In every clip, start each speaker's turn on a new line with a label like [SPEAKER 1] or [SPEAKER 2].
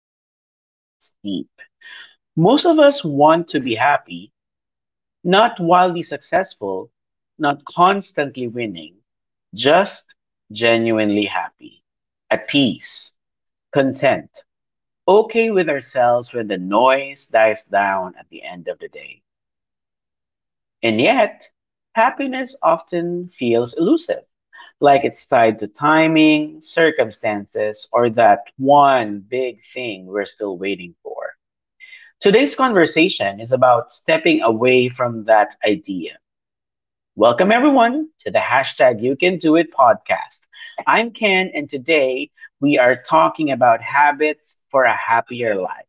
[SPEAKER 1] actually hits deep. Most of us want to be happy, not wildly successful, not constantly winning, just genuinely happy, at peace, content, okay with ourselves when the noise dies down at the end of the day. And yet, happiness often feels elusive, like it's tied to timing, circumstances, or that one big thing we're still waiting for. Today's conversation is about stepping away from that idea. Welcome, everyone, to the hashtag You Can Do It podcast. I'm Ken, and today we are talking about habits for a happier life,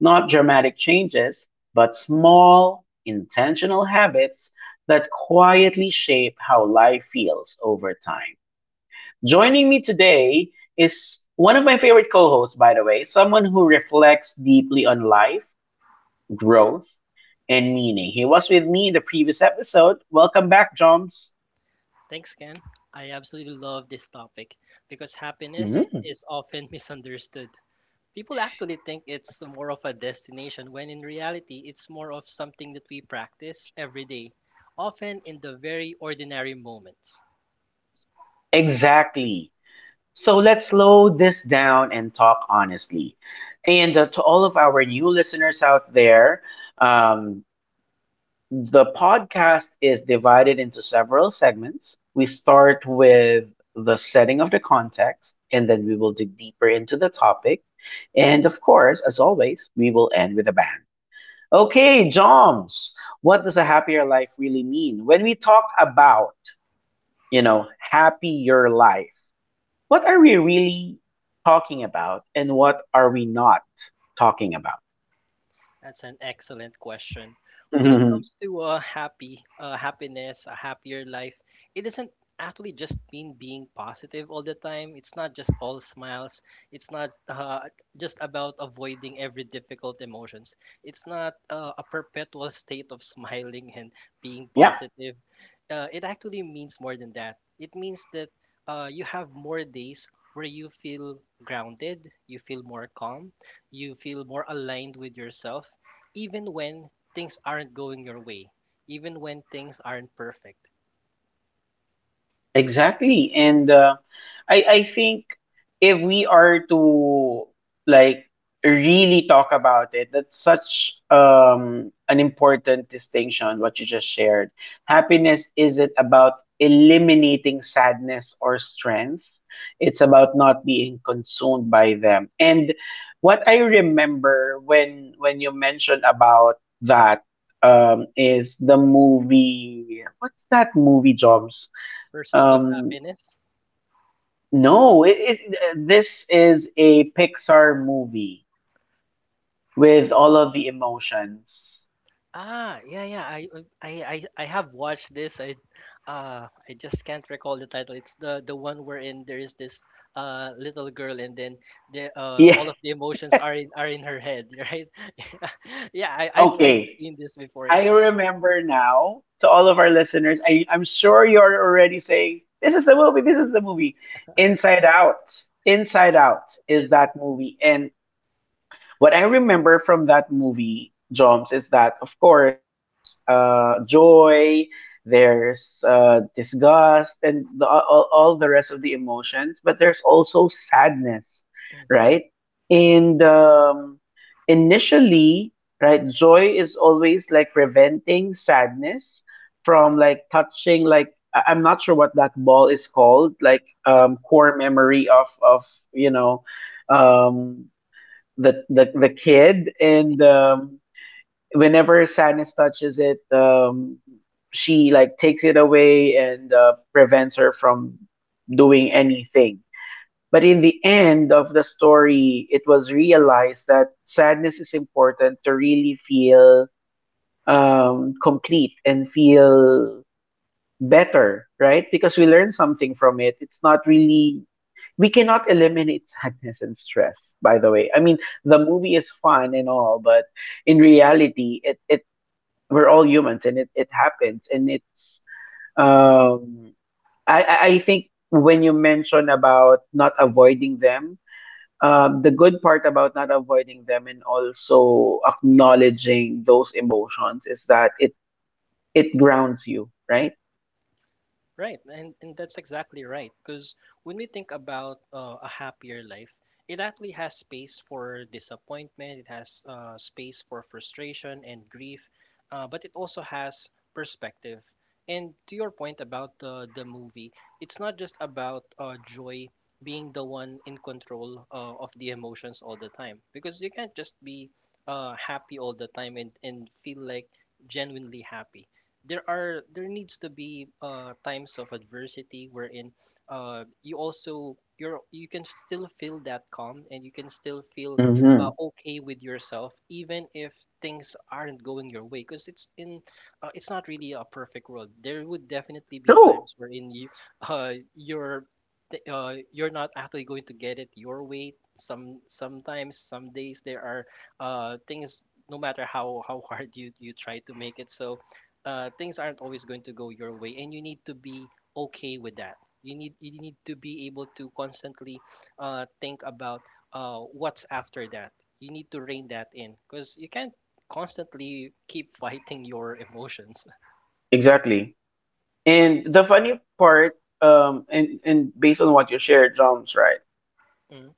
[SPEAKER 1] not dramatic changes, but small, intentional habits that quietly shape how life feels over time. Joining me today is one of my favorite co hosts, by the way, someone who reflects deeply on life, growth, and meaning. He was with me in the previous episode. Welcome back, Joms.
[SPEAKER 2] Thanks, Ken. I absolutely love this topic because happiness
[SPEAKER 1] Mhm.
[SPEAKER 2] is often misunderstood. People actually think it's more of a destination when in reality it's more of something that we practice every day, often in the very ordinary moments.
[SPEAKER 1] Exactly. So let's slow this down and talk honestly. And to all of our new listeners out there. um, The podcast is divided into several segments. We start with the setting of the context, and then we will dig deeper into the topic. And of course, as always, we will end with a bang. Okay, Joms, what does a happier life really mean? When we talk about, happier life, what are we really talking about, and what are we not talking about?
[SPEAKER 2] That's an excellent question. When it comes to happiness, a happier life, it doesn't actually just mean being positive all the time. It's not just all smiles. It's not just about avoiding every difficult emotions. It's not a perpetual state of smiling and being
[SPEAKER 1] Yep.
[SPEAKER 2] positive. It actually means more than that. It means that you have more days where you feel grounded, you feel more calm, you feel more aligned with yourself even when things aren't going your way, even when things aren't perfect.
[SPEAKER 1] Exactly. And I think if we are to like really talk about it, that's such an important distinction, what you just shared. Happiness isn't about eliminating sadness or strength. It's about not being consumed by them. And what I remember when you mentioned about that is the movie. What's that movie, Joms?
[SPEAKER 2] Pursuit of
[SPEAKER 1] Um,
[SPEAKER 2] Happiness.
[SPEAKER 1] no, this is a Pixar movie with all of the emotions.
[SPEAKER 2] Ah, yeah, yeah. I have watched this. I just can't recall the title. It's the one wherein there is this little girl and then the
[SPEAKER 1] Yeah,
[SPEAKER 2] all of the emotions are in her head, right? Yeah, I've
[SPEAKER 1] okay.
[SPEAKER 2] seen this before.
[SPEAKER 1] I
[SPEAKER 2] Yeah,
[SPEAKER 1] remember now. To all of our listeners, I'm sure you're already saying, "This is the movie, this is the movie." Inside Out. Inside Out
[SPEAKER 2] that's
[SPEAKER 1] is
[SPEAKER 2] it.
[SPEAKER 1] that movie. And what I remember from that movie, Joms, is that of course there's joy, there's disgust, and all the rest of the emotions, but there's also sadness,
[SPEAKER 2] Hmm.
[SPEAKER 1] right? And initially, right, joy is always like preventing sadness from like touching, like, I'm not sure what that ball is called, like,
[SPEAKER 2] Yeah.
[SPEAKER 1] core memory of um, the kid, and whenever sadness touches it, she like takes it away and prevents her from doing anything. But in the end of the story, it was realized that sadness is important to really feel complete and feel better, right? Because we learn something from it. It's not really — we cannot eliminate sadness and stress, by the way. I mean, the movie is fun and all, but in reality, it we're all humans, and it happens, and it's um I think when you mention about not avoiding them, the good part about not avoiding them and also acknowledging those emotions is that it grounds you, right?
[SPEAKER 2] Right, and that's exactly right. Because when we think about a happier life, it actually has space for disappointment, it has space for frustration and grief, but it also has perspective. And to your point about the movie, it's not just about joy being the one in control of the emotions all the time, because you can't just be happy all the time and feel like genuinely happy. There needs to be times of adversity wherein you also you're you can still feel that calm and you can still feel
[SPEAKER 1] Mm-hmm.
[SPEAKER 2] okay with yourself even if things aren't going your way because it's not really a perfect world. There would definitely be times wherein you you're th- you're not actually going to get it your way. Sometimes some days there are things, no matter how hard you try to make it so, things aren't always going to go your way, and you need to be okay with that. You need to be able to constantly think about what's after that. You need to rein that in because you can't constantly keep fighting your emotions.
[SPEAKER 1] Exactly. And the funny part, and based on what you shared, Joms, right?
[SPEAKER 2] Mm,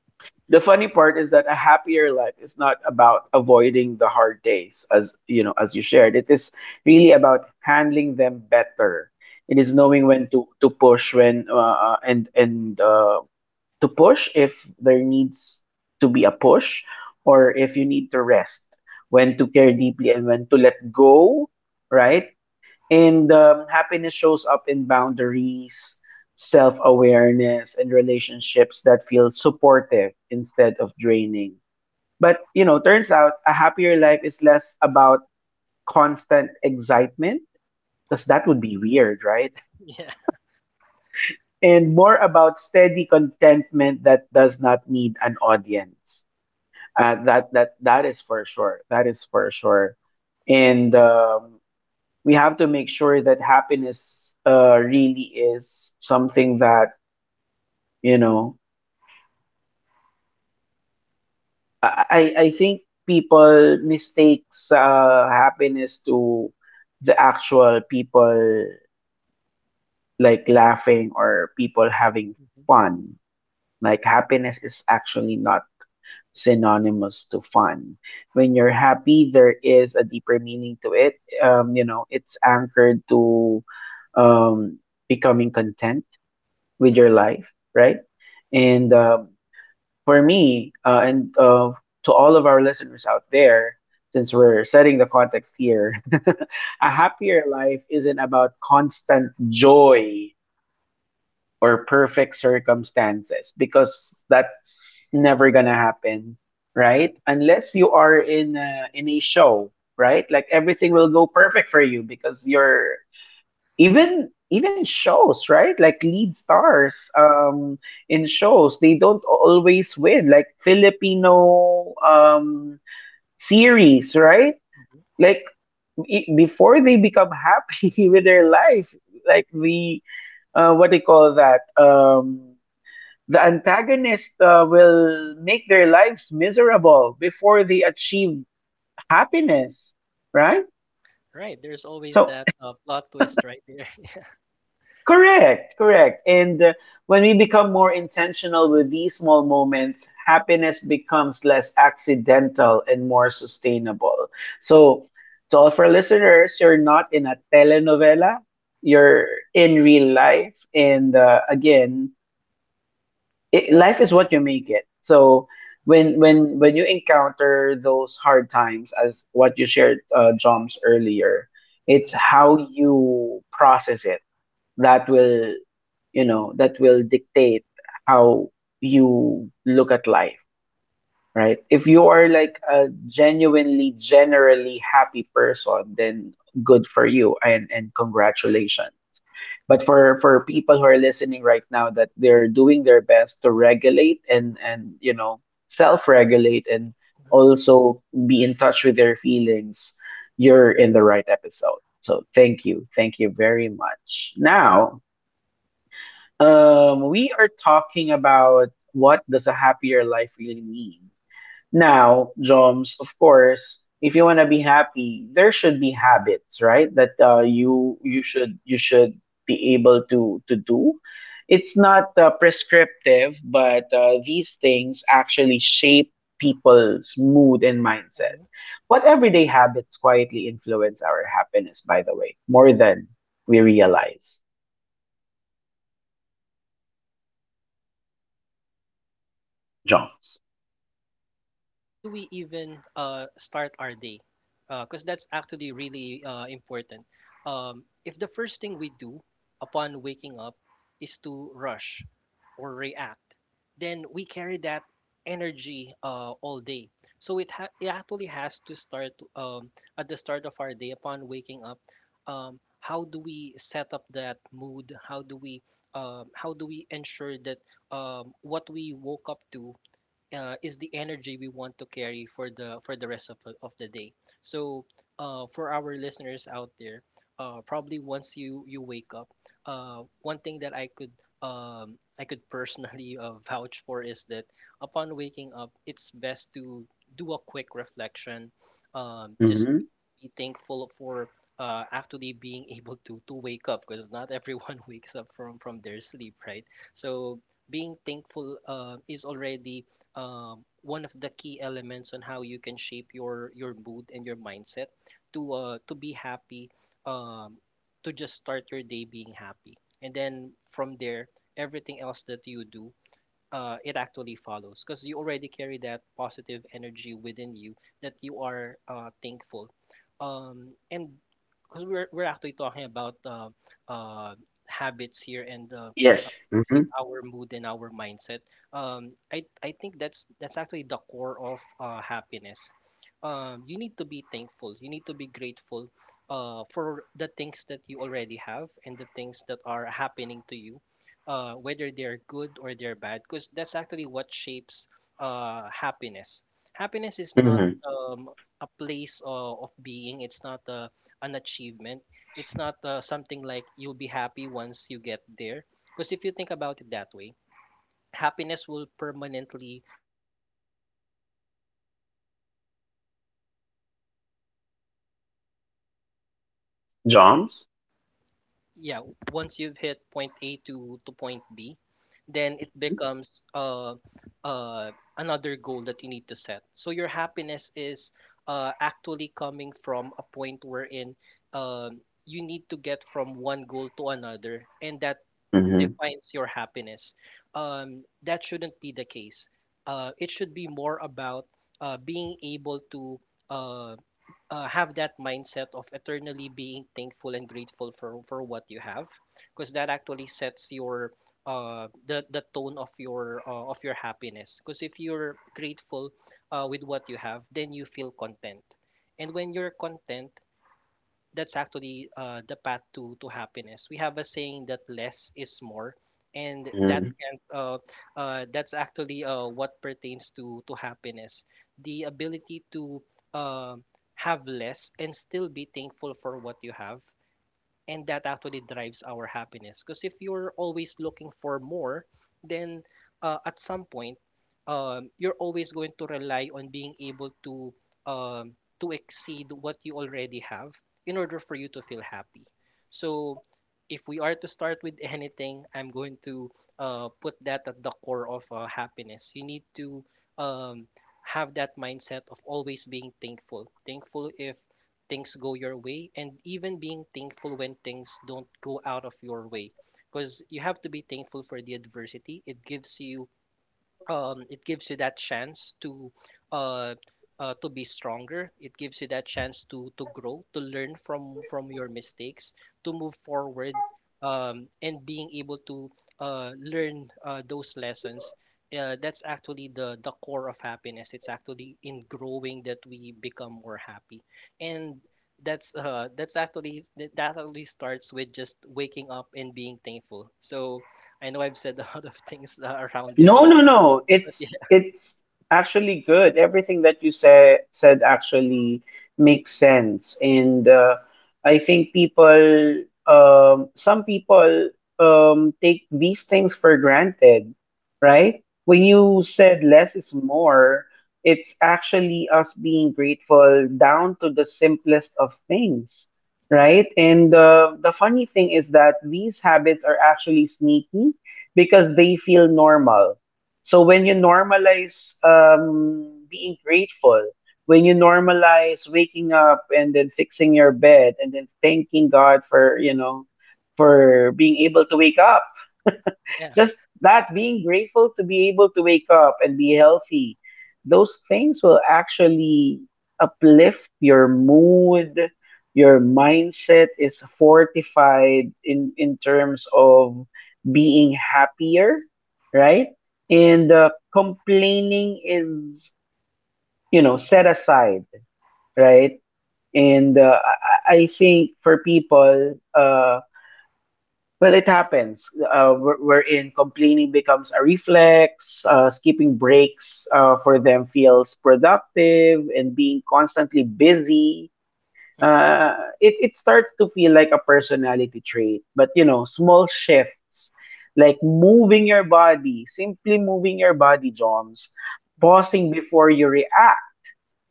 [SPEAKER 1] The funny part is that a happier life is not about avoiding the hard days, as you know, as you shared. It is really about handling them better. It is
[SPEAKER 2] mhm,
[SPEAKER 1] knowing when to push, when and to push if there needs to be a push, or if you need to rest, when to care deeply and when to let go, right? And happiness shows up in boundaries, self awareness, and relationships that feel supportive instead of draining. But, turns out a happier life is less about constant excitement, because
[SPEAKER 2] mhm.
[SPEAKER 1] that would be weird, right?
[SPEAKER 2] Yeah.
[SPEAKER 1] And more about steady contentment that does not need an audience. That is for sure. That is for sure. And we have to make sure that happiness really is something that you know I think people mistakes happiness to the actual people like laughing or people having
[SPEAKER 2] Mhm,
[SPEAKER 1] fun. Like, happiness is actually not synonymous to fun. When you're happy, there is a deeper meaning to it. It's anchored to um becoming content with your
[SPEAKER 2] mhm.
[SPEAKER 1] life, right? And for me, and to all of our listeners out there, since we're setting the context here, a
[SPEAKER 2] Yeah.
[SPEAKER 1] happier life isn't about constant joy or perfect circumstances, because that's never gonna happen,
[SPEAKER 2] Mhm,
[SPEAKER 1] right? Unless you are in a show, right? Like everything will go perfect for you because you're even even shows, right, like lead stars in shows, they don't always win. Like Filipino series, right,
[SPEAKER 2] mhm.
[SPEAKER 1] like, before they become happy with their life, like the what do you call that, the antagonist will make their lives miserable before they achieve happiness, right?
[SPEAKER 2] Right. There's always
[SPEAKER 1] So —
[SPEAKER 2] that plot twist right there.
[SPEAKER 1] correct, correct. And when we become more intentional with these small moments, happiness becomes less accidental and more sustainable. So, to all of our listeners, you're not in a telenovela, you're in real life. And again, life is what you make it. So when you encounter those hard times, as what you shared, Joms, earlier, it's how you process it that will, dictate how you look at life, right? If you are like a genuinely, generally happy person, then good for you, and congratulations. But for people who are listening right now, that they're doing their best to regulate, and self-regulate and
[SPEAKER 2] Mhm,
[SPEAKER 1] also be in touch with their feelings, you're in the right episode. So thank you. Thank you very much. Now, we are talking about what does a happier life really mean. Now, Joms, of course, if you want to be happy, there should be habits, right, that
[SPEAKER 2] mhm,
[SPEAKER 1] you should be able to do. It's not prescriptive, but these things actually shape people's mood and mindset.
[SPEAKER 2] mhm.
[SPEAKER 1] What everyday habits quietly influence our happiness, by the way, more than we realize,
[SPEAKER 2] Right. So, well, one of the biggest ones is actually something very simple.
[SPEAKER 1] Joms?
[SPEAKER 2] Yeah, how do we even start our day? Because that's actually really important. If the first thing we do upon waking up is to rush or react, then we carry that energy all day. So it actually has to start at the start of our day upon waking up. How do we set up that mood? How do we ensure that what we woke up to is the energy we want to carry for the rest of the day. So for our listeners out there, probably once you wake up, one thing that I could personally vouch for is that upon waking up it's best to do a quick reflection. Just
[SPEAKER 1] Hmm.
[SPEAKER 2] be thankful for actually being able to wake up, because not everyone wakes up from their sleep, right? So being thankful is already one of the key elements on how you can shape your mood and your mindset to be happy, um, to just start your day being happy, and then from there, everything else that you do, it actually follows because you already carry that positive energy within you, that you are thankful, and because we're actually talking about uh, habits here and
[SPEAKER 1] Yes.
[SPEAKER 2] shape
[SPEAKER 1] Hmm.
[SPEAKER 2] our mood and our mindset. Um, I think that's actually the core of happiness. You need to be thankful. You need to be grateful for the things that you already have and the things that are happening to you, whether they're good or they're bad, because that's actually what shapes happiness. Happiness is not
[SPEAKER 1] Hmm.
[SPEAKER 2] a place of being. It's not an achievement. It's not something like you'll be happy once you get there, because if you think about it that way, happiness will permanently remain in the future. It's always going to be another there. Once you've hit um, your goal, once you've
[SPEAKER 1] Joms.
[SPEAKER 2] yeah, once you've hit point A to point B, then it becomes uh, another goal that you need to set. So your happiness is actually coming from a point wherein you need to get from one goal to another, and that
[SPEAKER 1] Hmm.
[SPEAKER 2] defines your happiness. That shouldn't be the case. It should be more about being able to uh, have that mindset of eternally being thankful and grateful for what you have, because that actually sets your the tone of your happiness. Because if you're grateful with what you have, then you feel content. And when you're content, that's actually the path to happiness. We have a saying that less is more, and that can that's actually what pertains to happiness. The ability to uh, have less and still be thankful for what you have, and that actually drives our happiness, because if you're always looking for more, then at some point you're always going to rely on being able um, to exceed what you already have in order for you to feel happy. So if we are to start with anything, I'm going to put that at the core of happiness. You need to um, have that mindset of always being thankful if things go your way, and even being thankful when things don't go out of your way, because you have to be thankful for the adversity it gives you. It gives you that chance uh, to be stronger. It gives you that chance to grow, to learn from your mistakes, to move forward, and being able to learn those lessons. That's actually the core of happiness. It's actually in growing that we become more happy, and that's actually that actually starts with just waking up and being thankful. So I know I've said a lot of things around there,
[SPEAKER 1] No, no, no.
[SPEAKER 2] but yeah.
[SPEAKER 1] It's actually good. Everything that you said actually makes sense, and I think people, some people, take these things for granted, right? When you said
[SPEAKER 2] Mhm.
[SPEAKER 1] less is more, it's actually us being grateful down to the simplest of things, right? And the funny thing is that these habits are actually sneaky because they feel normal. So when you normalize being grateful, when you normalize waking up and then fixing your bed and then thanking God for being able to wake up.
[SPEAKER 2] Yeah.
[SPEAKER 1] Just that — being grateful to be able to wake up and be healthy. Those things will actually uplift your mood, your mindset is fortified in terms of being happier, right?
[SPEAKER 2] Uh-huh.
[SPEAKER 1] And complaining is set aside,
[SPEAKER 2] Uh-huh.
[SPEAKER 1] right? And I think for people, well, it happens. We're in complaining becomes a reflex. Skipping breaks, for them, feels productive, and being constantly busy,
[SPEAKER 2] Uh-huh.
[SPEAKER 1] it starts to feel like a personality trait. But, small shifts like moving your body, simply moving your body, Joms, pausing before you react,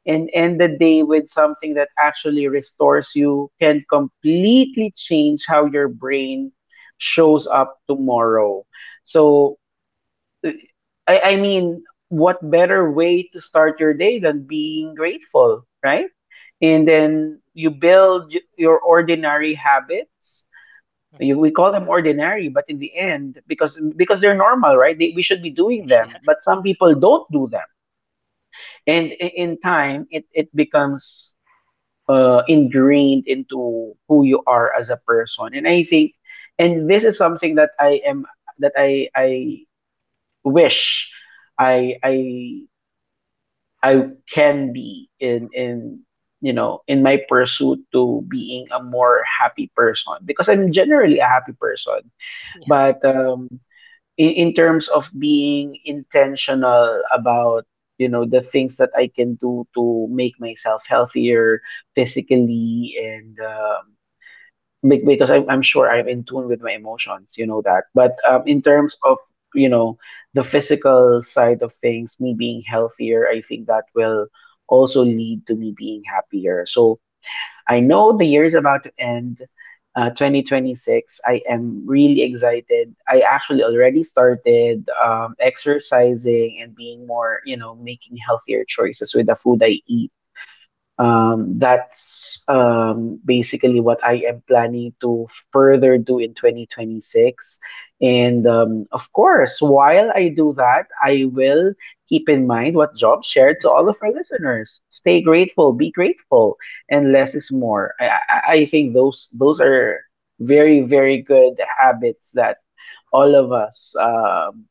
[SPEAKER 1] and end the day with something that actually restores you, can completely change how your brain shows up tomorrow. So, I, I mean, what better way to start your day than being grateful, right? And then you build your ordinary habits.
[SPEAKER 2] Uh-huh.
[SPEAKER 1] We call them ordinary, but in the end, because they're normal, right, we should be doing them, but some people don't do them. And in time, it becomes ingrained into who you are as a person. And I think — and this is something that I wish i i I can be in you know in my pursuit to being a more happy person, because I'm generally a happy person.
[SPEAKER 2] Yeah.
[SPEAKER 1] But in terms of being intentional about the things that I can do to make myself healthier, physically, and because I'm sure I'm in tune with my emotions, you know that. But
[SPEAKER 2] Yeah. Mhm.
[SPEAKER 1] in terms of, you know, the physical side of things, me being healthier, I think that will also lead to me being happier. So I know the year is about to end, 2026. I am really excited. I actually already started exercising and being more, making healthier choices with the food I eat. That's basically what I am planning to further do in 2026. And of course, while I do that, I will keep in mind what Job shared to all of our listeners. Stay grateful, be grateful, and less is more. I think those are very very good habits that all of us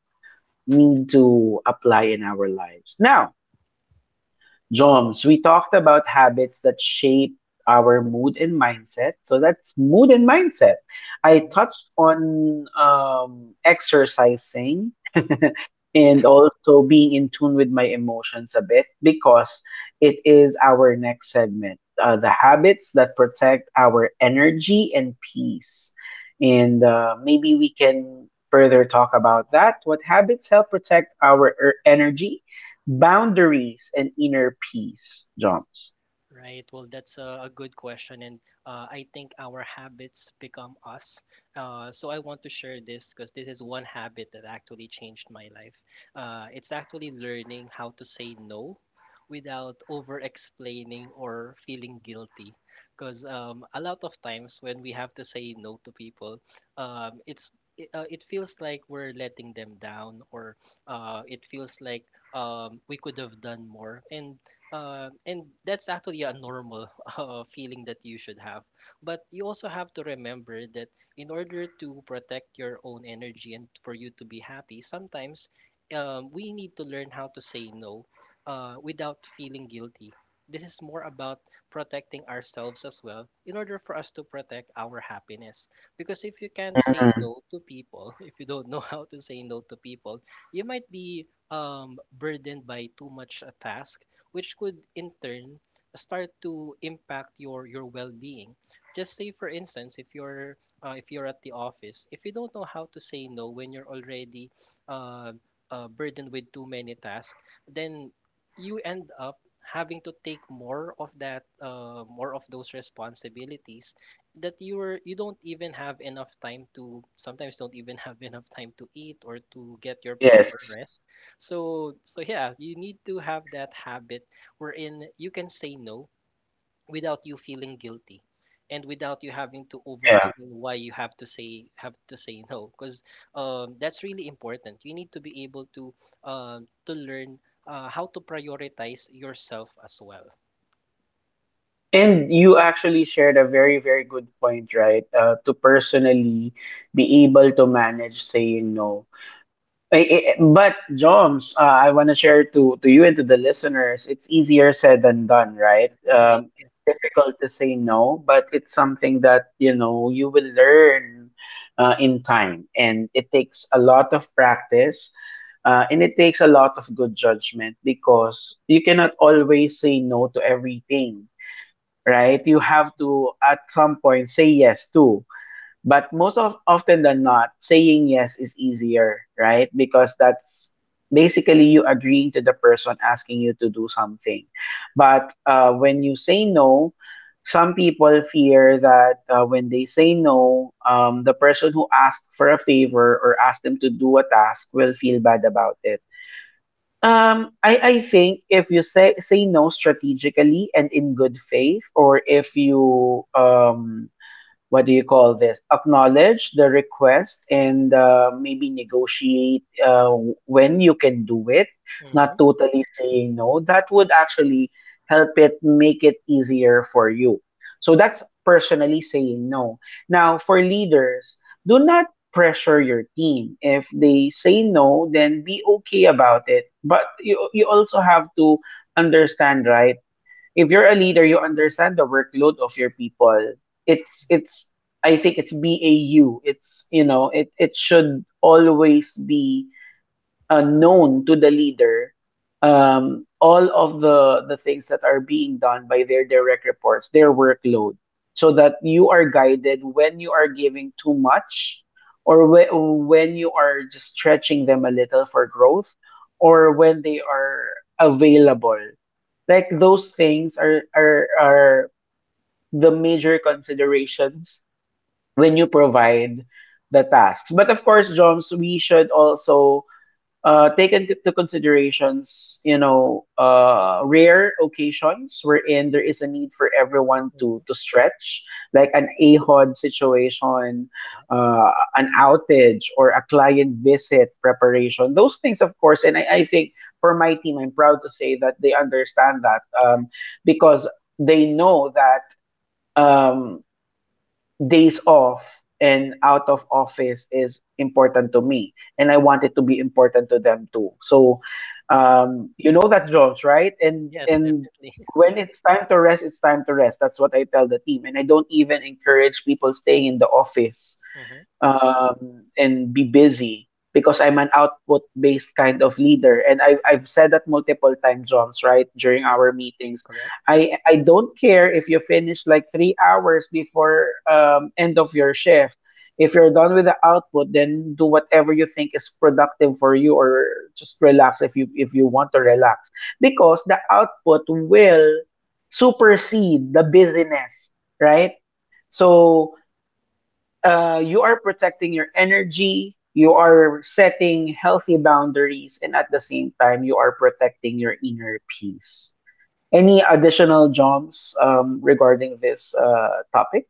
[SPEAKER 1] need to apply in our lives. Now, Joms, we talked about habits that shape our mood and mindset. So that's mood and mindset. I
[SPEAKER 2] Mhm.
[SPEAKER 1] touched on exercising
[SPEAKER 2] Yeah.
[SPEAKER 1] and also being in tune with my emotions a bit because it is our next segment, the habits that protect our energy and peace. And maybe we can further talk about that. What habits help protect our energy, boundaries, and inner peace, jumps?
[SPEAKER 2] Right. Well, that's a good question, and I think our habits become us. So I want to share this because this is one habit that actually changed my life. It's actually learning how to say no without over explaining or feeling guilty. Because a lot of times when we have to say no to people, um, it's it feels like we're letting them down, or it feels like we could have done more. And that's actually a normal feeling that you should have. But you also have to remember that in order to protect your own energy and for you to be happy, sometimes we need to learn how to say no without feeling guilty. This is more about protecting ourselves as well in order for us to protect our happiness. Because if you can't say
[SPEAKER 1] Mm-hmm.
[SPEAKER 2] no to people, if you don't know how to say no to people, you might be burdened by too much a task, which could in turn start to impact your well-being. Just say for instance, if you're at the office, if you don't know how to say no when you're already uh, burdened with too many tasks, then you end up having to take more of that, more of those responsibilities, that you don't even have enough time to, sometimes don't even have enough time to eat or to get your proper
[SPEAKER 1] Yes.
[SPEAKER 2] rest. So so yeah, you need to have that habit wherein you can say no without you feeling guilty, and without you having to over
[SPEAKER 1] Yeah,
[SPEAKER 2] explain why you have to say no, because that's really important. You need to be able to learn how to prioritize yourself as well.
[SPEAKER 1] and you actually shared a very very good point, right? To personally be able to manage saying no. But Joms, I want to share to you and to the listeners. It's easier said than done, right?
[SPEAKER 2] Right?
[SPEAKER 1] It's difficult to say no, but it's something that you know you will learn in time, and it takes a lot of practice. And it takes a lot of good judgment because you cannot always say no to everything, right? You have to, at some point, say yes too. But most of often than not, saying yes is easier, right? Because that's basically you agreeing to the person asking you to do something. But when you say no, some people fear that when they say no, the person who asked for a favor or asked them to do a task will feel bad about it. I think if you say no strategically and in good faith, or if you what do you call this, acknowledge the request and maybe negotiate when you can do it,
[SPEAKER 2] Hmm.
[SPEAKER 1] not totally saying no, that would actually help, it make it easier for you. So that's personally saying no. Now for leaders, do not pressure your team. If they say no, then be okay about it. But you also have to understand, right? If you're a leader, you understand the workload of your people. It's I think it's BAU. It's, you know, it should always be known to the leader, all of the things that are being done by their direct reports, their workload, so that you are guided when you are giving too much, or when you are just stretching them a little for growth, or when they are available. Like those things are the major considerations when you provide the tasks. But of course, Joms, we should also take into considerations, you know, rare occasions wherein there is a need for everyone to stretch, like an AHOD situation, an outage, or a client visit preparation. Those things, of course, and I think for my team, I'm proud to say that they understand that, because they know that. Um, Days off and out of office is important to me, and I want it to be important to them too. So, you know that, jobs, right? and
[SPEAKER 2] Yes,
[SPEAKER 1] and
[SPEAKER 2] definitely.
[SPEAKER 1] when it's time to rest, it's time to rest. That's what I tell the team, and I don't even encourage people staying in the office
[SPEAKER 2] Hmm.
[SPEAKER 1] and be busy, because I'm an output based kind of leader. And I've said that multiple times, Joms, right? During our meetings.
[SPEAKER 2] Correct.
[SPEAKER 1] I don't care if you finish like 3 hours before end of your shift. If you're done with the output, then do whatever you think is productive for you, or just relax if you want to relax. Because the output will supersede the busyness, right?
[SPEAKER 2] Mm-hmm.
[SPEAKER 1] So you are protecting your energy, you are setting healthy boundaries, and at the same time, you are protecting your inner peace. Any additional, jobs, regarding this topic?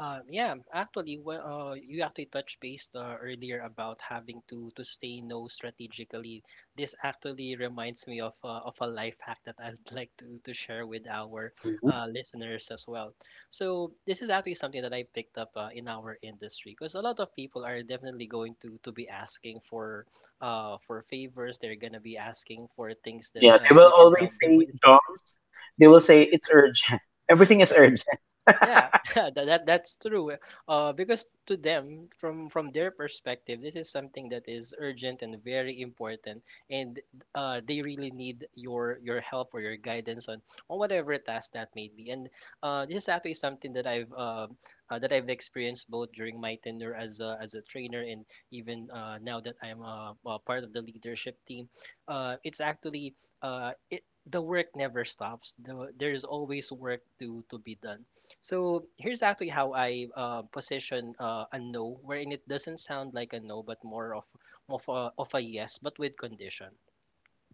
[SPEAKER 2] Yeah, actually, well, you actually touched base earlier about having to say no strategically. This actually reminds me of a life hack that I'd like to share with our
[SPEAKER 1] Mhm.
[SPEAKER 2] listeners as well. So this is actually something that I picked up in our industry because a lot of people are definitely going to be asking for for favors. They're gonna be asking for things that
[SPEAKER 1] Yeah, they will
[SPEAKER 2] you can
[SPEAKER 1] always
[SPEAKER 2] help them with.
[SPEAKER 1] say, jobs. They will say it's urgent. Everything is urgent.
[SPEAKER 2] Yeah, that's true. Because to them, from their perspective, this is something that is urgent and very important, and they really need your help or your guidance on whatever task that may be. And this is actually something that I've experienced both during my tenure as as a trainer and even now that I'm part of the leadership team. Uh, it's actually the work never stops. There's always work to be done. So here's actually how I position a no, wherein it doesn't sound like a no, but more of a yes, but with condition.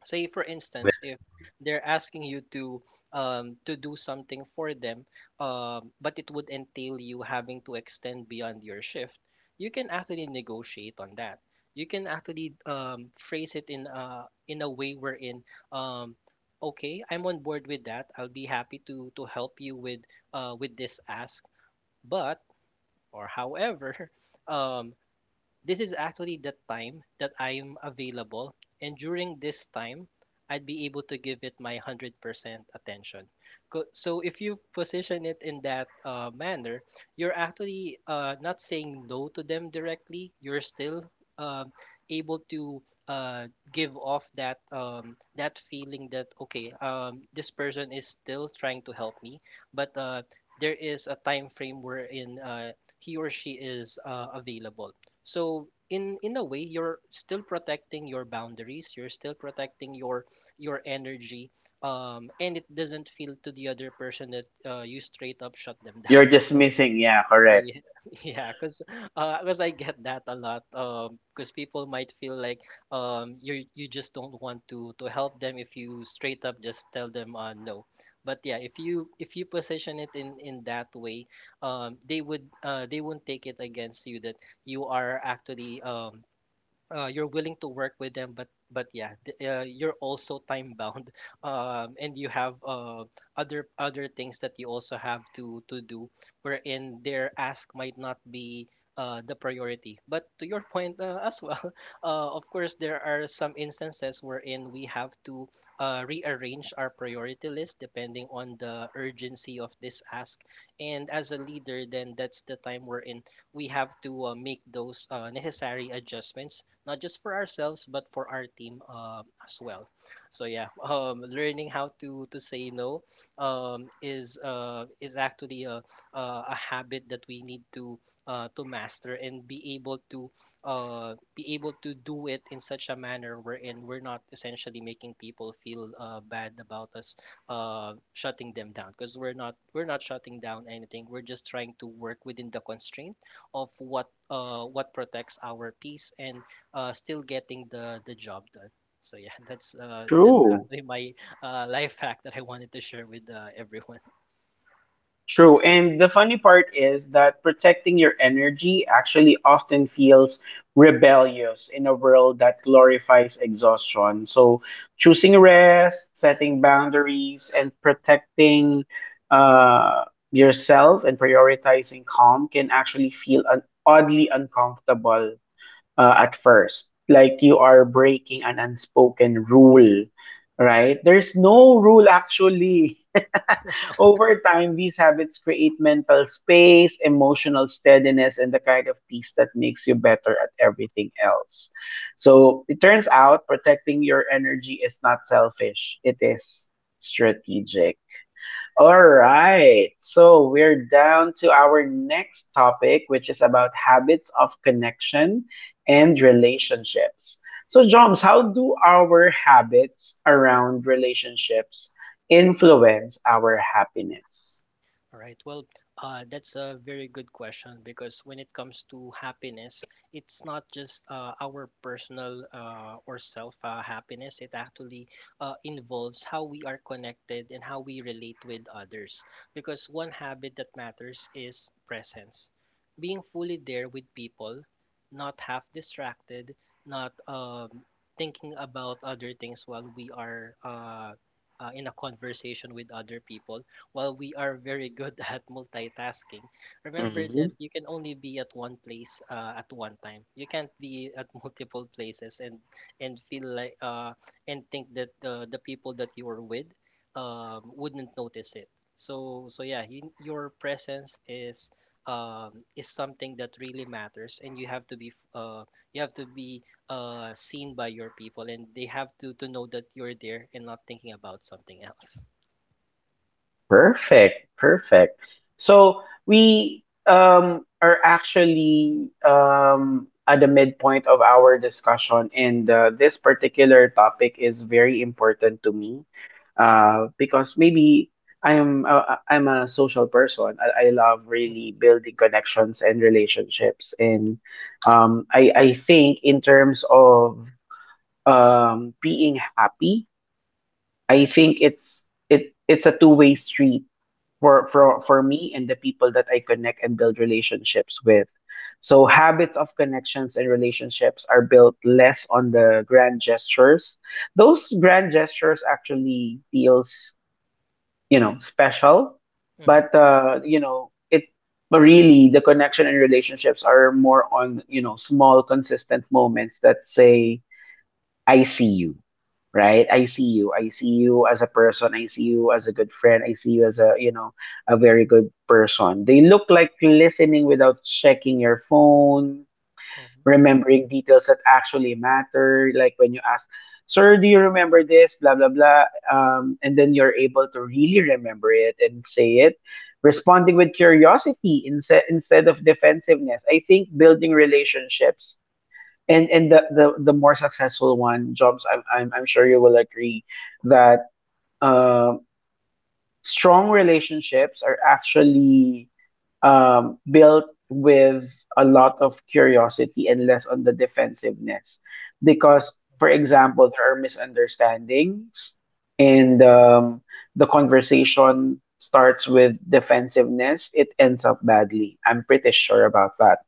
[SPEAKER 2] Say for instance
[SPEAKER 1] Well,
[SPEAKER 2] if
[SPEAKER 1] mhm.
[SPEAKER 2] they're asking you to do something for them, but it would entail you having to extend beyond your shift. You can actually negotiate on that. You can actually phrase it in a way wherein, um okay, I'm on board with that. I'll be happy to help you with this ask. But or however, um this is actually the time that I'm available, and during this time, I'd be able to give it my 100% attention. So if you position it in that manner, you're actually not saying no to them directly. You're still um, able to give off that that feeling that, okay, this person is still trying to help me, but there is a time frame wherein he or she is available. So in a way, you're still protecting your boundaries. You're still protecting your energy. And it doesn't feel to the other person that you straight up shut them
[SPEAKER 1] You're
[SPEAKER 2] down. So
[SPEAKER 1] dismissing. Yeah, correct.
[SPEAKER 2] yeah, yeah, cause, 'cause I get that a lot. Cause people might feel like, you just don't want to help them if you straight up just tell them, no. But yeah, if you position it in that way, they would they won't take it against you that you are actually you're willing to work with them, but you're also time bound, and you have other things that you also have to do, wherein their ask might not be the priority. But to your point as well, of course there are some instances wherein we have to rearrange our priority list depending on the urgency of this ask. And as a leader, then that's the time wherein we have to make those necessary adjustments, not just for ourselves but for our team as well. So yeah, learning how to say no, is actually a a habit that we need to master and be able to do it in such a manner wherein we're not essentially making people feel bad about us, shutting them down, because we're not shutting down anything. We're just trying to work within the constraint of what protects our peace and still getting the job done. So yeah, that's
[SPEAKER 1] True.
[SPEAKER 2] actually my life hack that I wanted to share with everyone.
[SPEAKER 1] True. And the funny part is that protecting your energy actually often feels rebellious in a world that glorifies exhaustion. So, choosing rest, setting boundaries, and protecting uh, yourself, and prioritizing calm can actually feel oddly uncomfortable at first, like you are breaking an unspoken rule, right? There's no rule actually. Over time, these habits create mental space, emotional steadiness, and the kind of peace that makes you better at everything else. So it turns out protecting your energy is not selfish, it is strategic. All right. So we're down to our next topic, which is about habits of connection and relationships. So, Joms, how do our habits around relationships influence our happiness?
[SPEAKER 2] All right. Well, that's a very good question, because when it comes to happiness, it's not just our personal or self happiness. It actually involves how we are connected and how we relate with others. Because one habit that matters is presence, being fully there with people, not half distracted, not thinking about other things while we are in a conversation with other people. While we are very good at multitasking, remember that you can only be at one place at one time. You can't be at multiple places and feel like and think that the people that you are with wouldn't notice it. So yeah, your presence is something that really matters, and you have to you have to be seen by your people, and they have to know that you're there and not thinking about something else.
[SPEAKER 1] Perfect, perfect. So we are actually at the midpoint of our discussion, and this particular topic is very important to me because maybe I am I'm a social person. I love
[SPEAKER 2] Mhm,
[SPEAKER 1] really building connections and relationships, and I think in terms of being happy, I think it's it's a two-way street for
[SPEAKER 2] mhm.
[SPEAKER 1] for me and the people that I connect and build relationships with. So habits of connections and relationships are built less on the grand gestures. Those grand gestures actually feels, you know, special,
[SPEAKER 2] Mhm.
[SPEAKER 1] but you know, it really the connection and relationships are more on, you know, small consistent moments that say I see you, right? I see you. I see you as a person. I see you as a
[SPEAKER 2] Biết,
[SPEAKER 1] good friend. I see you as a, you know, a very good person. They look like listening without checking your phone,
[SPEAKER 2] mình biết,
[SPEAKER 1] remembering details that actually matter. Like when you ask, sir, do you remember this? Blah, blah, blah. And then you're able to really remember it and say it. Responding with curiosity instead of defensiveness. I think building relationships and the more successful one, jobs, I'm sure you will agree
[SPEAKER 2] mình biết,
[SPEAKER 1] that uh, strong relationships are actually built with a lot of curiosity and less on the defensiveness, because
[SPEAKER 2] mình
[SPEAKER 1] for
[SPEAKER 2] biết,
[SPEAKER 1] example there are misunderstandings and the conversation starts with defensiveness, it ends up badly. I'm pretty sure about that.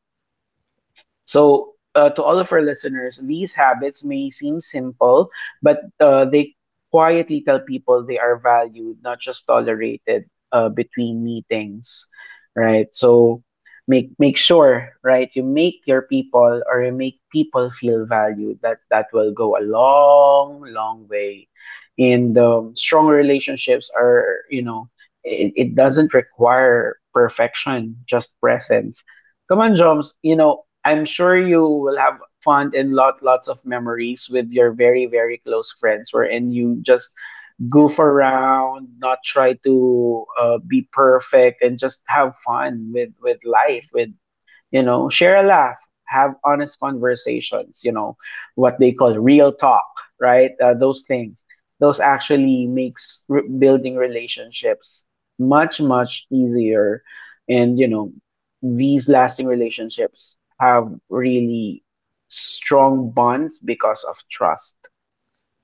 [SPEAKER 1] So, to all of our listeners, these habits may seem simple, but they quietly tell people they are valued, not just tolerated between meetings, right? So, make sure, right? You make your people, or you make people feel valued. That that will go a long, long way. And strong relationships are, you know, it doesn't require perfection, just
[SPEAKER 2] mình
[SPEAKER 1] presence. Come on, Joms. You know, I'm sure you will have fun and lots of memories with your very very close friends, wherein you just
[SPEAKER 2] biết.
[SPEAKER 1] goof around, not try to be perfect, and just have fun with
[SPEAKER 2] Dạ.
[SPEAKER 1] life, with you know, share a laugh, have honest conversations, you know, what they call real talk, right? Those things, those actually makes building relationships much much easier. And you know, these lasting relationships have really strong bonds because of trust.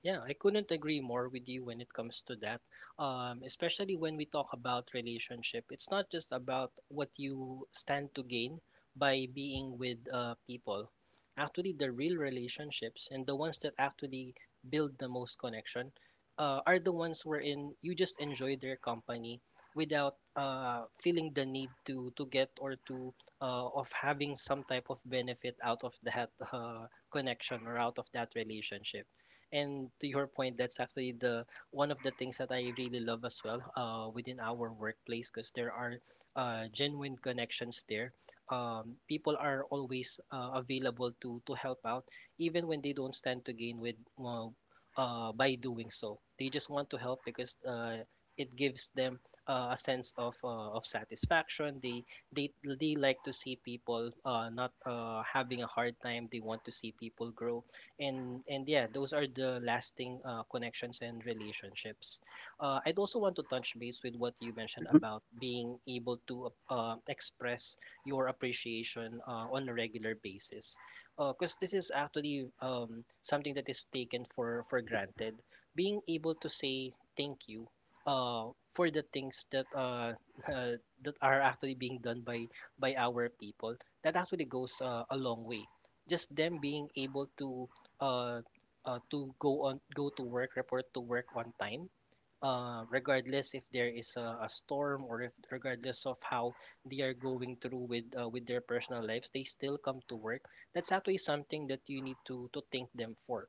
[SPEAKER 2] Yeah, I couldn't agree more with you when it comes to that. Especially when we talk about relationship, it's not just about what you stand to gain by being with people. Actually, the real relationships and the ones that actually build the most connection are the ones wherein you just enjoy their company without feeling the need to get or to of having some type of benefit out of that connection or out of that relationship. And to your point, that's actually the one of the things that I really love as well within our workplace, because there are genuine connections there. People are always available to help out, even when they don't stand to gain with by doing so. They just want to help because it gives them a sense of satisfaction. They like to see people not having a hard time. They want to see people grow. And yeah, those are the lasting connections and relationships. I'd also want to touch base with what you mentioned
[SPEAKER 1] Mhm.
[SPEAKER 2] about being able to express your appreciation on a regular basis, because this is actually something that is taken for granted: being able to say thank you for the things that uh, that are actually being done by our people. That actually goes a long way, just them being able to uh, go to work, report to work on time, regardless if there is a storm, or if regardless of how they are going through with their personal lives, they still come to work. That's actually something that you need to thank them for,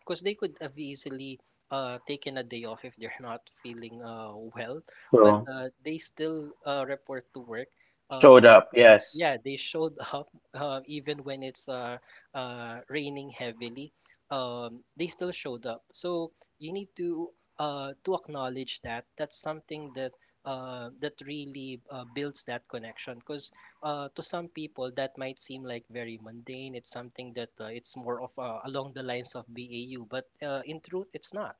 [SPEAKER 2] because they could have easily taken a day off if they're not feeling well, but
[SPEAKER 1] So,
[SPEAKER 2] they still report to work.
[SPEAKER 1] showed
[SPEAKER 2] Um,
[SPEAKER 1] up. Yes.
[SPEAKER 2] yeah, they showed up even when it's raining heavily. They still showed up, so you need to acknowledge that. That's something that that really builds that connection, because to some people that might seem like very mundane. It's something that it's more of along the lines of BAU, but in truth it's not.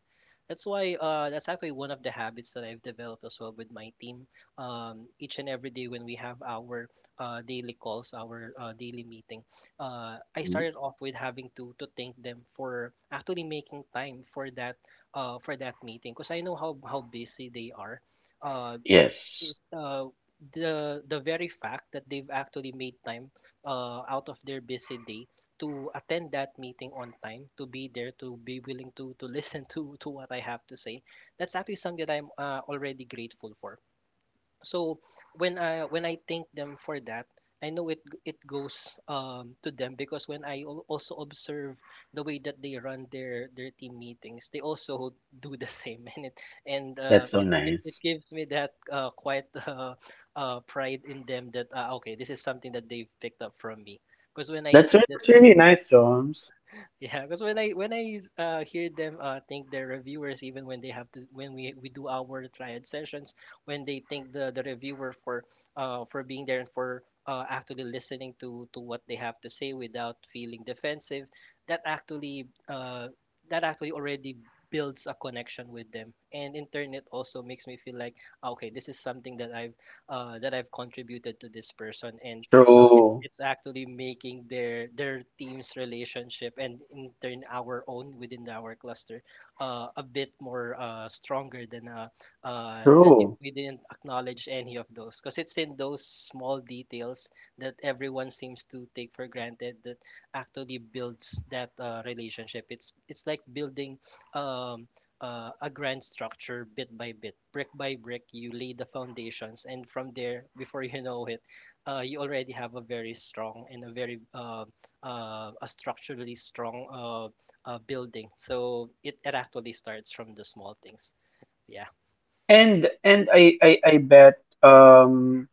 [SPEAKER 2] That's why that's actually one of the habits that I've developed as well with my team. Each and every day when we have our daily calls, our daily meeting, I
[SPEAKER 1] Mm,
[SPEAKER 2] started off with having to thank them for actually making time for that meeting, because I know how busy they are. Uh,
[SPEAKER 1] yes,
[SPEAKER 2] it, uh, the very fact that they've actually made time out of their busy day to attend that meeting on time, to be there, to be willing to listen to what I have to say, that's actually something that I'm already grateful for. So when I thank them for that, I know it goes to them, because when I also observe the way that they run their team meetings, they also do the same, and
[SPEAKER 1] that's so
[SPEAKER 2] it
[SPEAKER 1] nice.
[SPEAKER 2] gives me that quite pride in them that, okay, this is something that they've picked up from me. Because when I
[SPEAKER 1] That's
[SPEAKER 2] see that,
[SPEAKER 1] that's really nice, jones.
[SPEAKER 2] yeah, because when I hear them, think their reviewers, even when they have to when we do our triad sessions, when they thank the reviewer for being there and for actually listening to what they have to say without feeling defensive, that actually uh that actually already builds a connection with them, and in turn it also makes me feel like, "Ah, okay, this is something that I've contributed to this person, and it's
[SPEAKER 1] True.
[SPEAKER 2] actually making their team's relationship and in turn our own within our cluster a bit more stronger than if
[SPEAKER 1] True.
[SPEAKER 2] we didn't acknowledge any of those, because it's in those small details that everyone seems to take for granted that actually builds that relationship. It's like building um, a grand structure bit by bit, brick by brick. You lay the foundations, and from there, before you know it, you already have a very strong and a very a structurally strong building. So it actually starts from the small things. Yeah.
[SPEAKER 1] And I bet um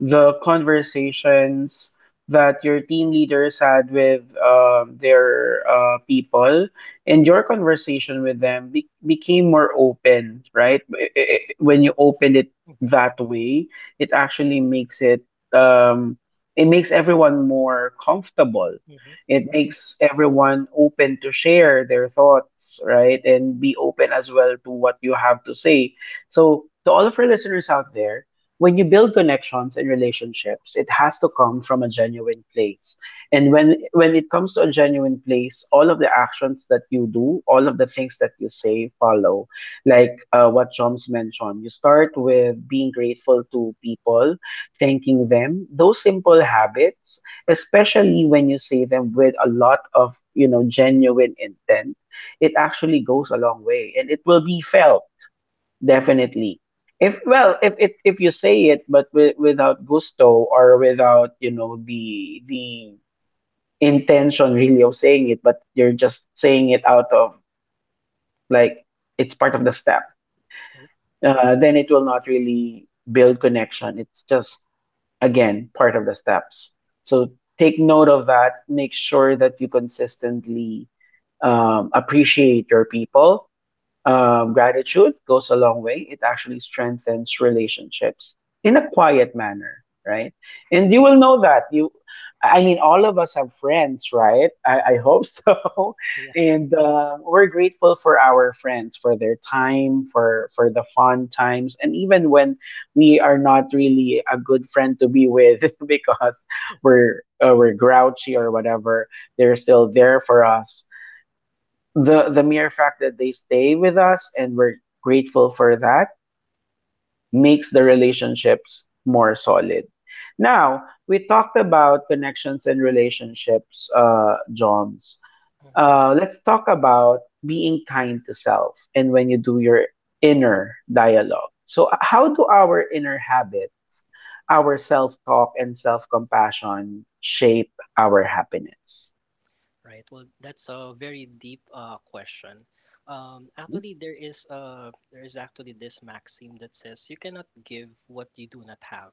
[SPEAKER 1] the conversations that your team leaders had with their people and your conversation with them became more open, right? When you open it that way, it actually makes it um, it makes everyone more comfortable, it makes everyone open to share their thoughts, right, and be open as well to what you have to say. So to all of our listeners out there, when you build connections and relationships, it has to come from a genuine place. And when it comes to a genuine place, all of the actions that you do, all of the things that you say follow. Like, what Joms mentioned, you start with being grateful to people, thanking them. Those simple habits, especially when you say them with a lot of, you know, genuine intent, it actually goes a long way, and it will be felt.
[SPEAKER 2] Mm,
[SPEAKER 1] Definitely. If, well, if it, if you say it but without gusto, or without, you know, the intention really of saying it, but you're just saying it out of, like, it's part of the step,
[SPEAKER 2] Yeah.
[SPEAKER 1] then it will not really build connection. It's just again part of the steps. So take note of that. Make sure that you consistently appreciate your people. Gratitude goes a long way. It actually strengthens relationships in a quiet manner, right? And you will know that you. I mean, all of us have friends, right? I hope so,
[SPEAKER 2] Yeah.
[SPEAKER 1] and we're grateful for our friends for their time, for the fun times, and even when we are not really a good friend to be with because we're grouchy or whatever, they're still there for us. The mere fact that they stay with us and we're grateful for that makes the relationships more solid. Now, we talked about connections and relationships, Joms.
[SPEAKER 2] Mhm.
[SPEAKER 1] Let's talk about being kind to self and when you do your inner dialogue. So, how do our inner habits, our self talk, and self compassion shape our happiness?
[SPEAKER 2] Right. Well, that's a very deep question. Actually, there is actually this maxim that says you cannot give what you do not have.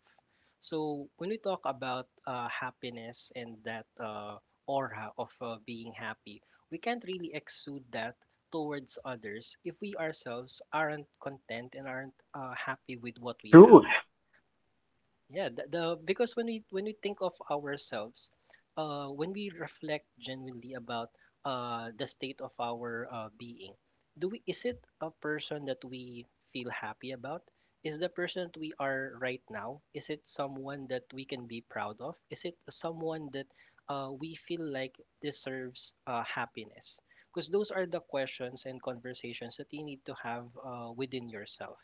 [SPEAKER 2] So when we talk about happiness and that aura of being happy, we can't really exude that towards others if we ourselves aren't content and aren't happy with what we have.
[SPEAKER 1] True.
[SPEAKER 2] Yeah, the because when we think of ourselves, when we reflect genuinely about the state of our being, do we, is it a person that we feel happy about? Is the person that we are right now, is it someone that we can be proud of? Is it someone that we feel like deserves happiness? Because those are the questions and conversations that you need to have within yourself.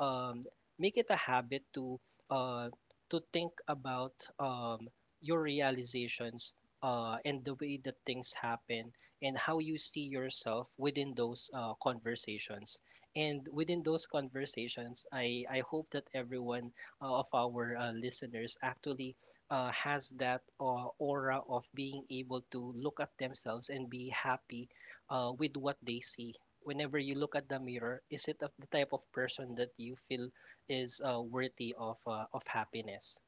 [SPEAKER 2] um, Make it a habit uh, to think about um, your realizations and the way that things happen and how you see yourself within those conversations. And within those conversations, I hope that everyone of our listeners actually has that aura of being able to look at themselves and be happy with what they see. Whenever you look at the mirror, is it of the type of person that you feel is worthy of happiness?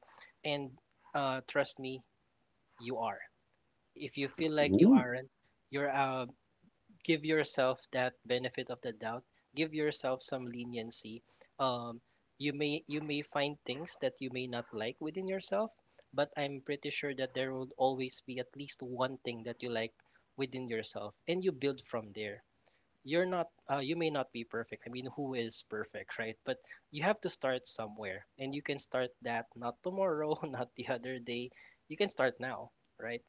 [SPEAKER 2] And trust me, you are. If you feel like you
[SPEAKER 1] Mhm.
[SPEAKER 2] aren't, you're give yourself that benefit of the doubt. Give yourself some leniency. Um, you may find things that you may not like within yourself, but I'm pretty sure that there will always be at least one thing that you like within yourself, and you build from there. You may not be perfect, I mean, who is perfect, right? But you have to start somewhere, and you can start that not tomorrow, not the other day, you can start now, right?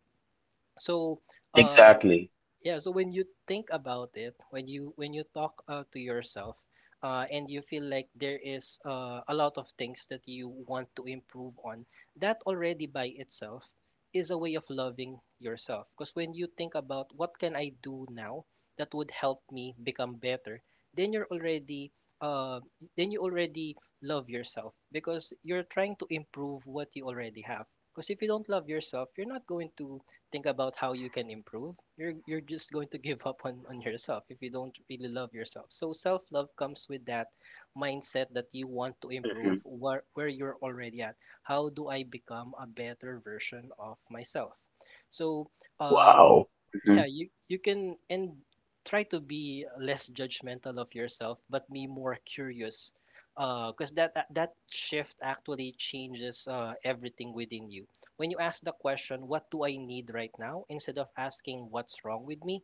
[SPEAKER 2] so uh
[SPEAKER 1] Exactly.
[SPEAKER 2] yeah, so when you think about it, when you talk to yourself, and you feel like there is a lot of things that you want to improve on, that already by itself is a way of loving yourself. Because when you think about what can I do now that would help me become better, then you're already, uh, then you already love yourself because you're trying to improve what you already have. Because if you don't love yourself, you're not going to think about how you can improve, you're just going to give up on yourself if you don't really love yourself. So self-love comes with that mindset that you want to improve where you're already at. How do I become a better version of myself? So, uh,
[SPEAKER 1] Wow.
[SPEAKER 2] yeah, you can, and try to be less judgmental of yourself, but be more curious. Because that shift actually changes everything within you. When you ask the question, "What do I need right now?" instead of asking, "What's wrong with me?"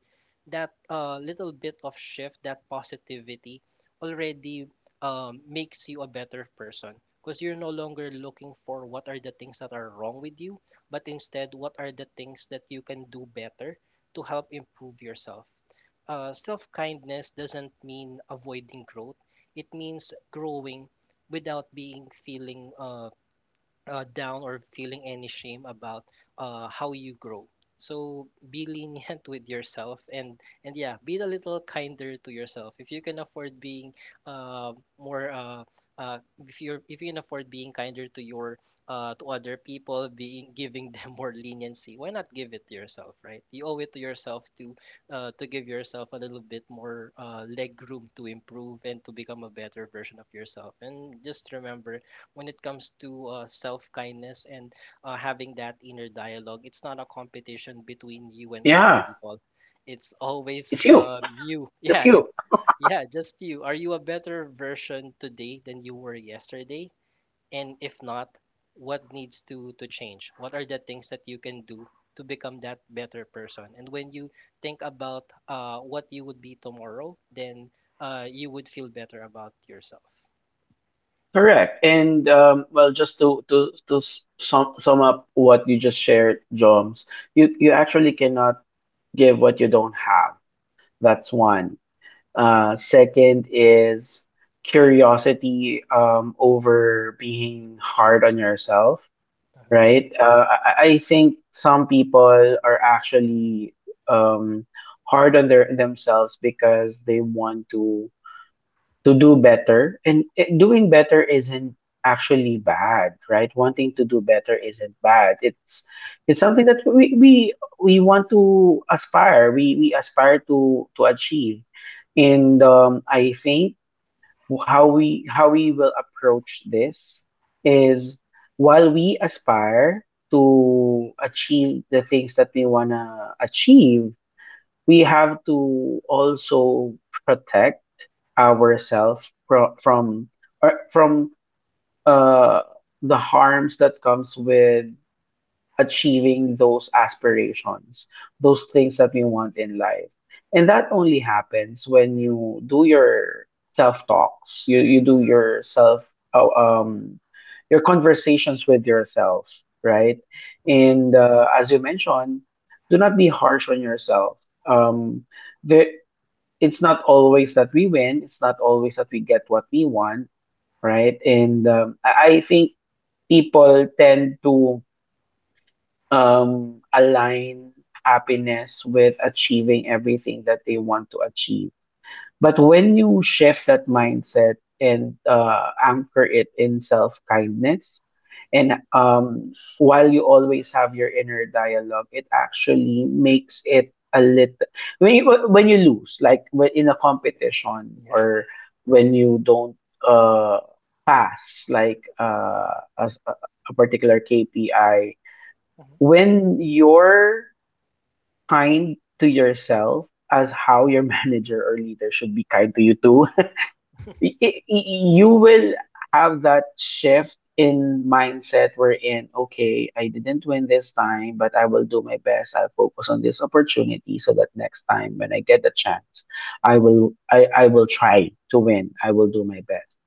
[SPEAKER 2] that little bit of shift, that positivity, already makes you a better person. Because you're no longer looking for what are the things that are wrong with you, but instead, what are the things that you can do better to help improve yourself. Self kindness doesn't mean avoiding growth, it means growing without being feeling down or feeling any shame about how you grow. So be lenient with yourself, and yeah, be a little kinder to yourself. If you can afford being uh, more uh, if you're, if you can afford being kinder to your to other people, being giving them more leniency, why not give it to yourself, right? You owe it to yourself to give yourself a little bit more leg room to improve and to become a better version of yourself. And just remember, when it comes to self kindness and having that inner dialogue, it's not a competition between you and other
[SPEAKER 1] Yeah,
[SPEAKER 2] people. It's always
[SPEAKER 1] it's you.
[SPEAKER 2] you.
[SPEAKER 1] That's
[SPEAKER 2] Yeah,
[SPEAKER 1] you.
[SPEAKER 2] yeah, just you. Are you a better version today than you were yesterday? And if not, what needs to change? What are the things that you can do to become that better person? And when you think about what you would be tomorrow, then you would feel better about yourself.
[SPEAKER 1] Correct. And well, just to to sum up what you just shared, Joms, you actually cannot give what you don't have. That's one. Second is curiosity over being hard on yourself,
[SPEAKER 2] Hmm.
[SPEAKER 1] right? I I think some people are actually um, hard on their themselves because they want to do better, and doing better isn't actually bad. Right, wanting to do better isn't bad. It's something that we want to aspire, we aspire to achieve. And I think how we will approach this is, while we aspire to achieve the things that we want to achieve, we have to also protect ourselves from uh, the harms that comes with achieving those aspirations, those things that we want in life. And that only happens when you do your self talks, you do your oh, um, your conversations with yourself, right?
[SPEAKER 2] Hmm.
[SPEAKER 1] And as you mentioned, do not be harsh on yourself. Um, the, it's not always that we win, it's not always that we get what we want, right? And I I think people tend to align happiness with achieving everything that they want to achieve. But when you shift that mindset and anchor it in self kindness, and while you always have your inner dialogue, it actually makes it a little when you lose, like when in a competition
[SPEAKER 2] Yeah.
[SPEAKER 1] or when you don't uh, pass, like a particular KPI,
[SPEAKER 2] Mhm.
[SPEAKER 1] when you're kind to yourself as how your manager or leader should be kind to you too, you will have that shift in mindset wherein, okay, I didn't win this time, but I will do my best. I'll focus on this opportunity so that next time when I get the chance, I will try to win. I will do my best.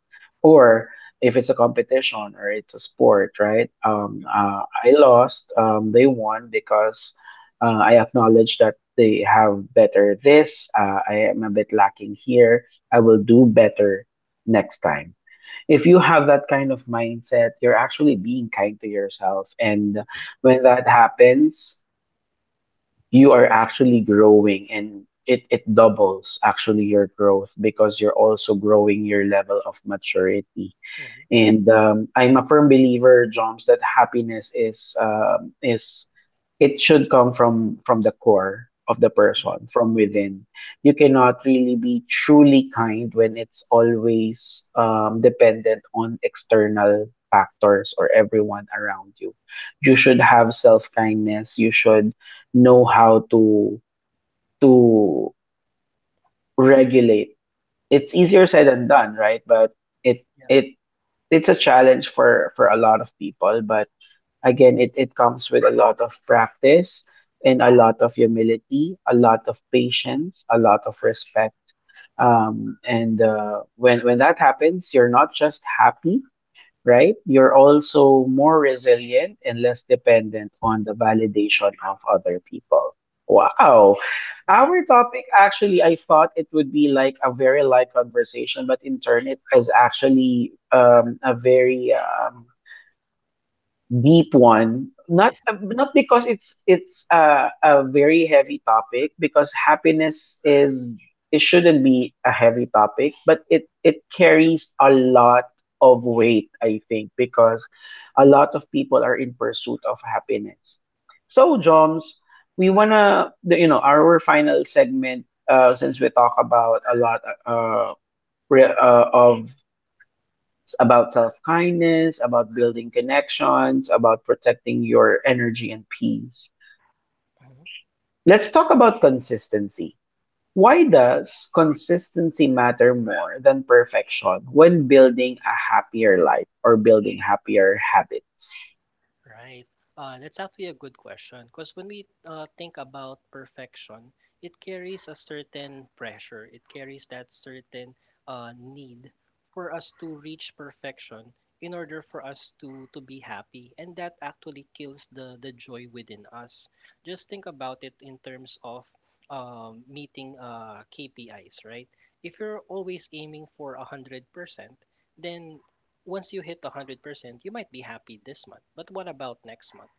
[SPEAKER 1] Or if it's a competition or it's a sport, right? I lost. They won because I acknowledge that they have better this. I am a bit lacking here. I will do better next time. If you have that kind of mindset, you're actually being kind to yourself. And
[SPEAKER 2] Mhm,
[SPEAKER 1] when that happens, you are actually growing and it doubles actually your growth because you're also growing your level of maturity.
[SPEAKER 2] mhm,
[SPEAKER 1] And I'm a firm believer, Joms, that happiness is it should come from the core of the
[SPEAKER 2] mhm.
[SPEAKER 1] person, from within. You cannot really be truly kind when it's always dependent on external factors or everyone around you. You should have self kindness. You should know how to to regulate. It's easier said than done, right? But it
[SPEAKER 2] Yeah.
[SPEAKER 1] it it's a challenge for a lot of people. But again, it comes with a lot of practice and a lot of humility, a lot of patience, a lot of respect. And when that happens, you're not just happy, right? You're also more resilient and less dependent
[SPEAKER 2] Yes.
[SPEAKER 1] on the validation of other people. Wow.
[SPEAKER 2] Yeah.
[SPEAKER 1] Our topic actually, I thought it would be like a very light conversation, but in turn, it is actually a very deep one. Not
[SPEAKER 2] Yeah.
[SPEAKER 1] not because it's a very heavy topic, because happiness is it shouldn't be a heavy topic, but it carries a lot of
[SPEAKER 2] Uh
[SPEAKER 1] weight, I think, because a lot of people are in pursuit of happiness. So Joms, you know, our final segment, since we talk about a lot re- of about self kindness, about building connections, about protecting your energy and peace.
[SPEAKER 2] huh.
[SPEAKER 1] Let's talk about consistency. Why does consistency matter more than perfection when building a happier life or building happier habits?
[SPEAKER 2] Right. That's actually a good question, because when we think about perfection, it carries a certain pressure. It carries that certain need for us to reach perfection in order for us to be happy, and that actually kills the joy within us. Just think about it in terms of meeting KPIs, right? If you're always aiming for 100%, then once you hit 100%, you might be happy this month. But what about next month?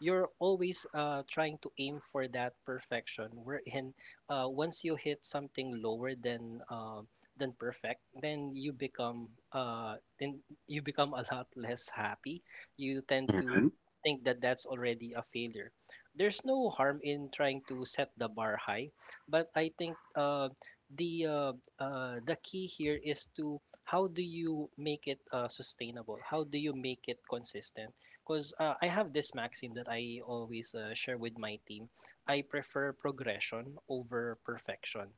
[SPEAKER 2] You're always trying to aim for that perfection. Wherein, once you hit something lower than perfect, then you become a lot less happy. You tend
[SPEAKER 1] hmm
[SPEAKER 2] to think that that's already a failure. There's no harm in trying to set the bar high, but I think the uh, the key here is to, how do you make it sustainable? How do you make it consistent? Because I have this maxim that I always share with my team. I prefer progression over perfection.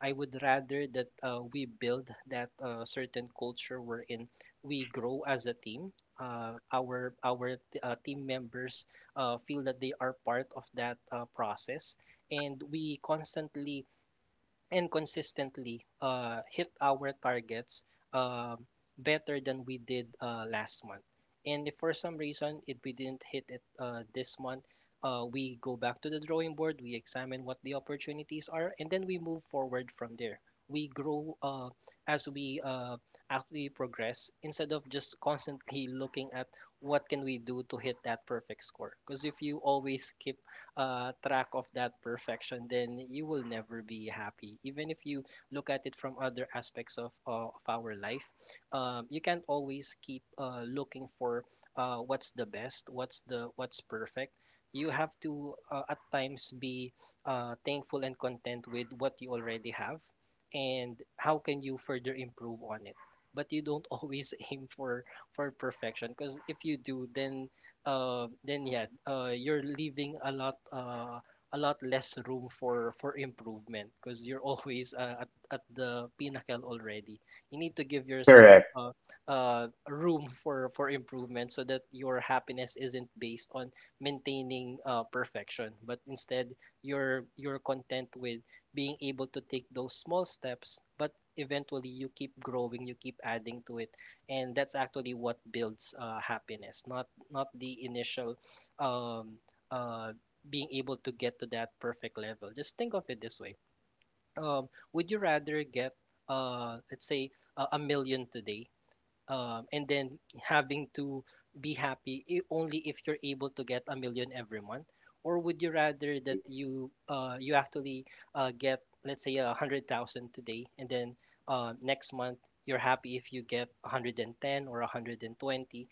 [SPEAKER 2] I would rather that we build that certain culture wherein we grow as a team. Our team members feel that they are part of that process, and we constantly and consistently hit our targets um better than we did last month. And if for some reason it we didn't hit it this month, we go back to the drawing board, we examine what the opportunities are, and then we move forward from there. We grow as we actually progress, instead of just constantly looking at what can we do to hit that perfect score. Because if you always keep track of that perfection, then you will never be happy. Even if you look at it from other aspects of our life, you can't always keep looking for what's the best, what's the what's perfect. You have to at times be thankful and content with what you already have, and how can you further improve on it. But you don't always aim for perfection, because if you do, then yeah, you're leaving a lot, a lot less room for improvement, because you're always at the pinnacle already. You need to give yourself
[SPEAKER 1] Correct.
[SPEAKER 2] room for improvement so that your happiness isn't based on maintaining perfection, but instead you're content with being able to take those small steps, but eventually you keep growing, you keep adding to it, and that's actually what builds happiness, not the initial um, uh, being able to get to that perfect level. Just think of it this way: would you rather get, let's say, a million today, and then having to be happy only if you're able to get a million every month, or would you rather that you actually get, let's say, a hundred thousand today, and then next month you're happy if you get 110 or 120?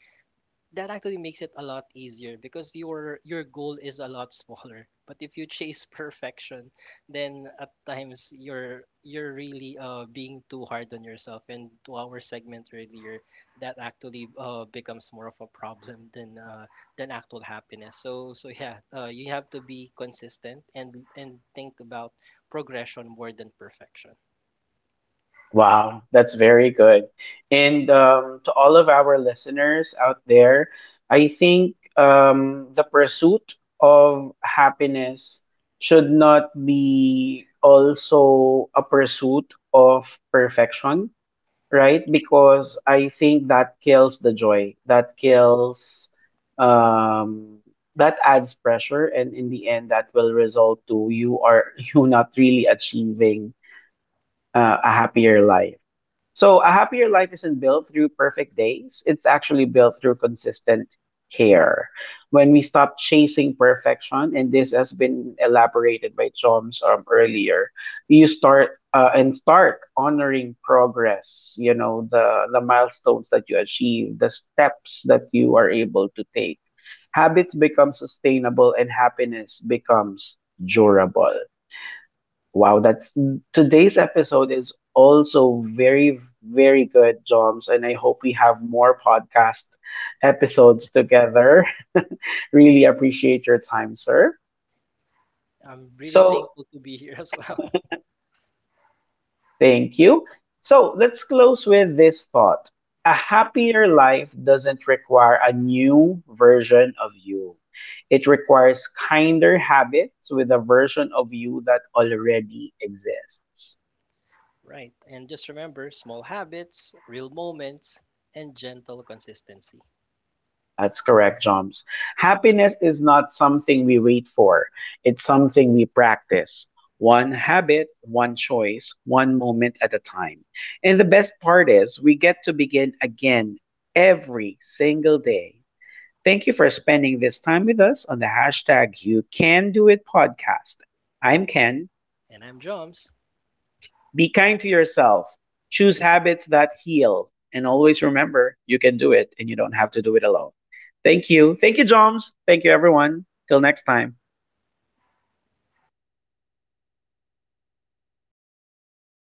[SPEAKER 2] That actually makes it a lot easier because your goal is a lot smaller. but if you chase perfection, then at times you're really being too hard on yourself, and to our segment earlier, that actually becomes more of a problem than actual happiness. So, so yeah, you have to be consistent and think about progression more than perfection.
[SPEAKER 1] Wow, that's very good. And to all of our listeners out there, I think the pursuit of happiness should not be also a pursuit of perfection, right? Because I think that kills the joy, that kills, um, that adds pressure, and in the end, that will result to you are you not really achieving a happier life. So, a happier life isn't built through perfect days. It's actually built through consistent care. When we stop chasing perfection, and this has been elaborated by Choms earlier, you start and start honoring progress. You know the milestones that you achieve, the steps that you are able to take. Habits become sustainable, and happiness becomes durable. Wow, that's Today's episode is also very, very good, Joms. And I hope we have more podcast episodes together. Really appreciate your time, sir.
[SPEAKER 2] I'm really
[SPEAKER 1] So,
[SPEAKER 2] thankful to be here as well.
[SPEAKER 1] thank you. So, let's close with this thought. A happier life doesn't require a new version of you, it requires kinder habits with a version of you that already exists.
[SPEAKER 2] Right. And just remember, small habits, real moments, and gentle consistency.
[SPEAKER 1] That's correct, Joms. Happiness is not something we wait for, it's something we practice. One habit, one choice, one moment at a time. And the best part is, we get to begin again every single day. Thank you for spending this time with us on the hashtag You Can Do It podcast. I'm Ken.
[SPEAKER 2] And I'm Joms.
[SPEAKER 1] Be kind to yourself. Choose habits that heal. And always remember, you can do it and you don't have to do it alone. Thank you. Thank you, Joms. Thank you, everyone. Till next time.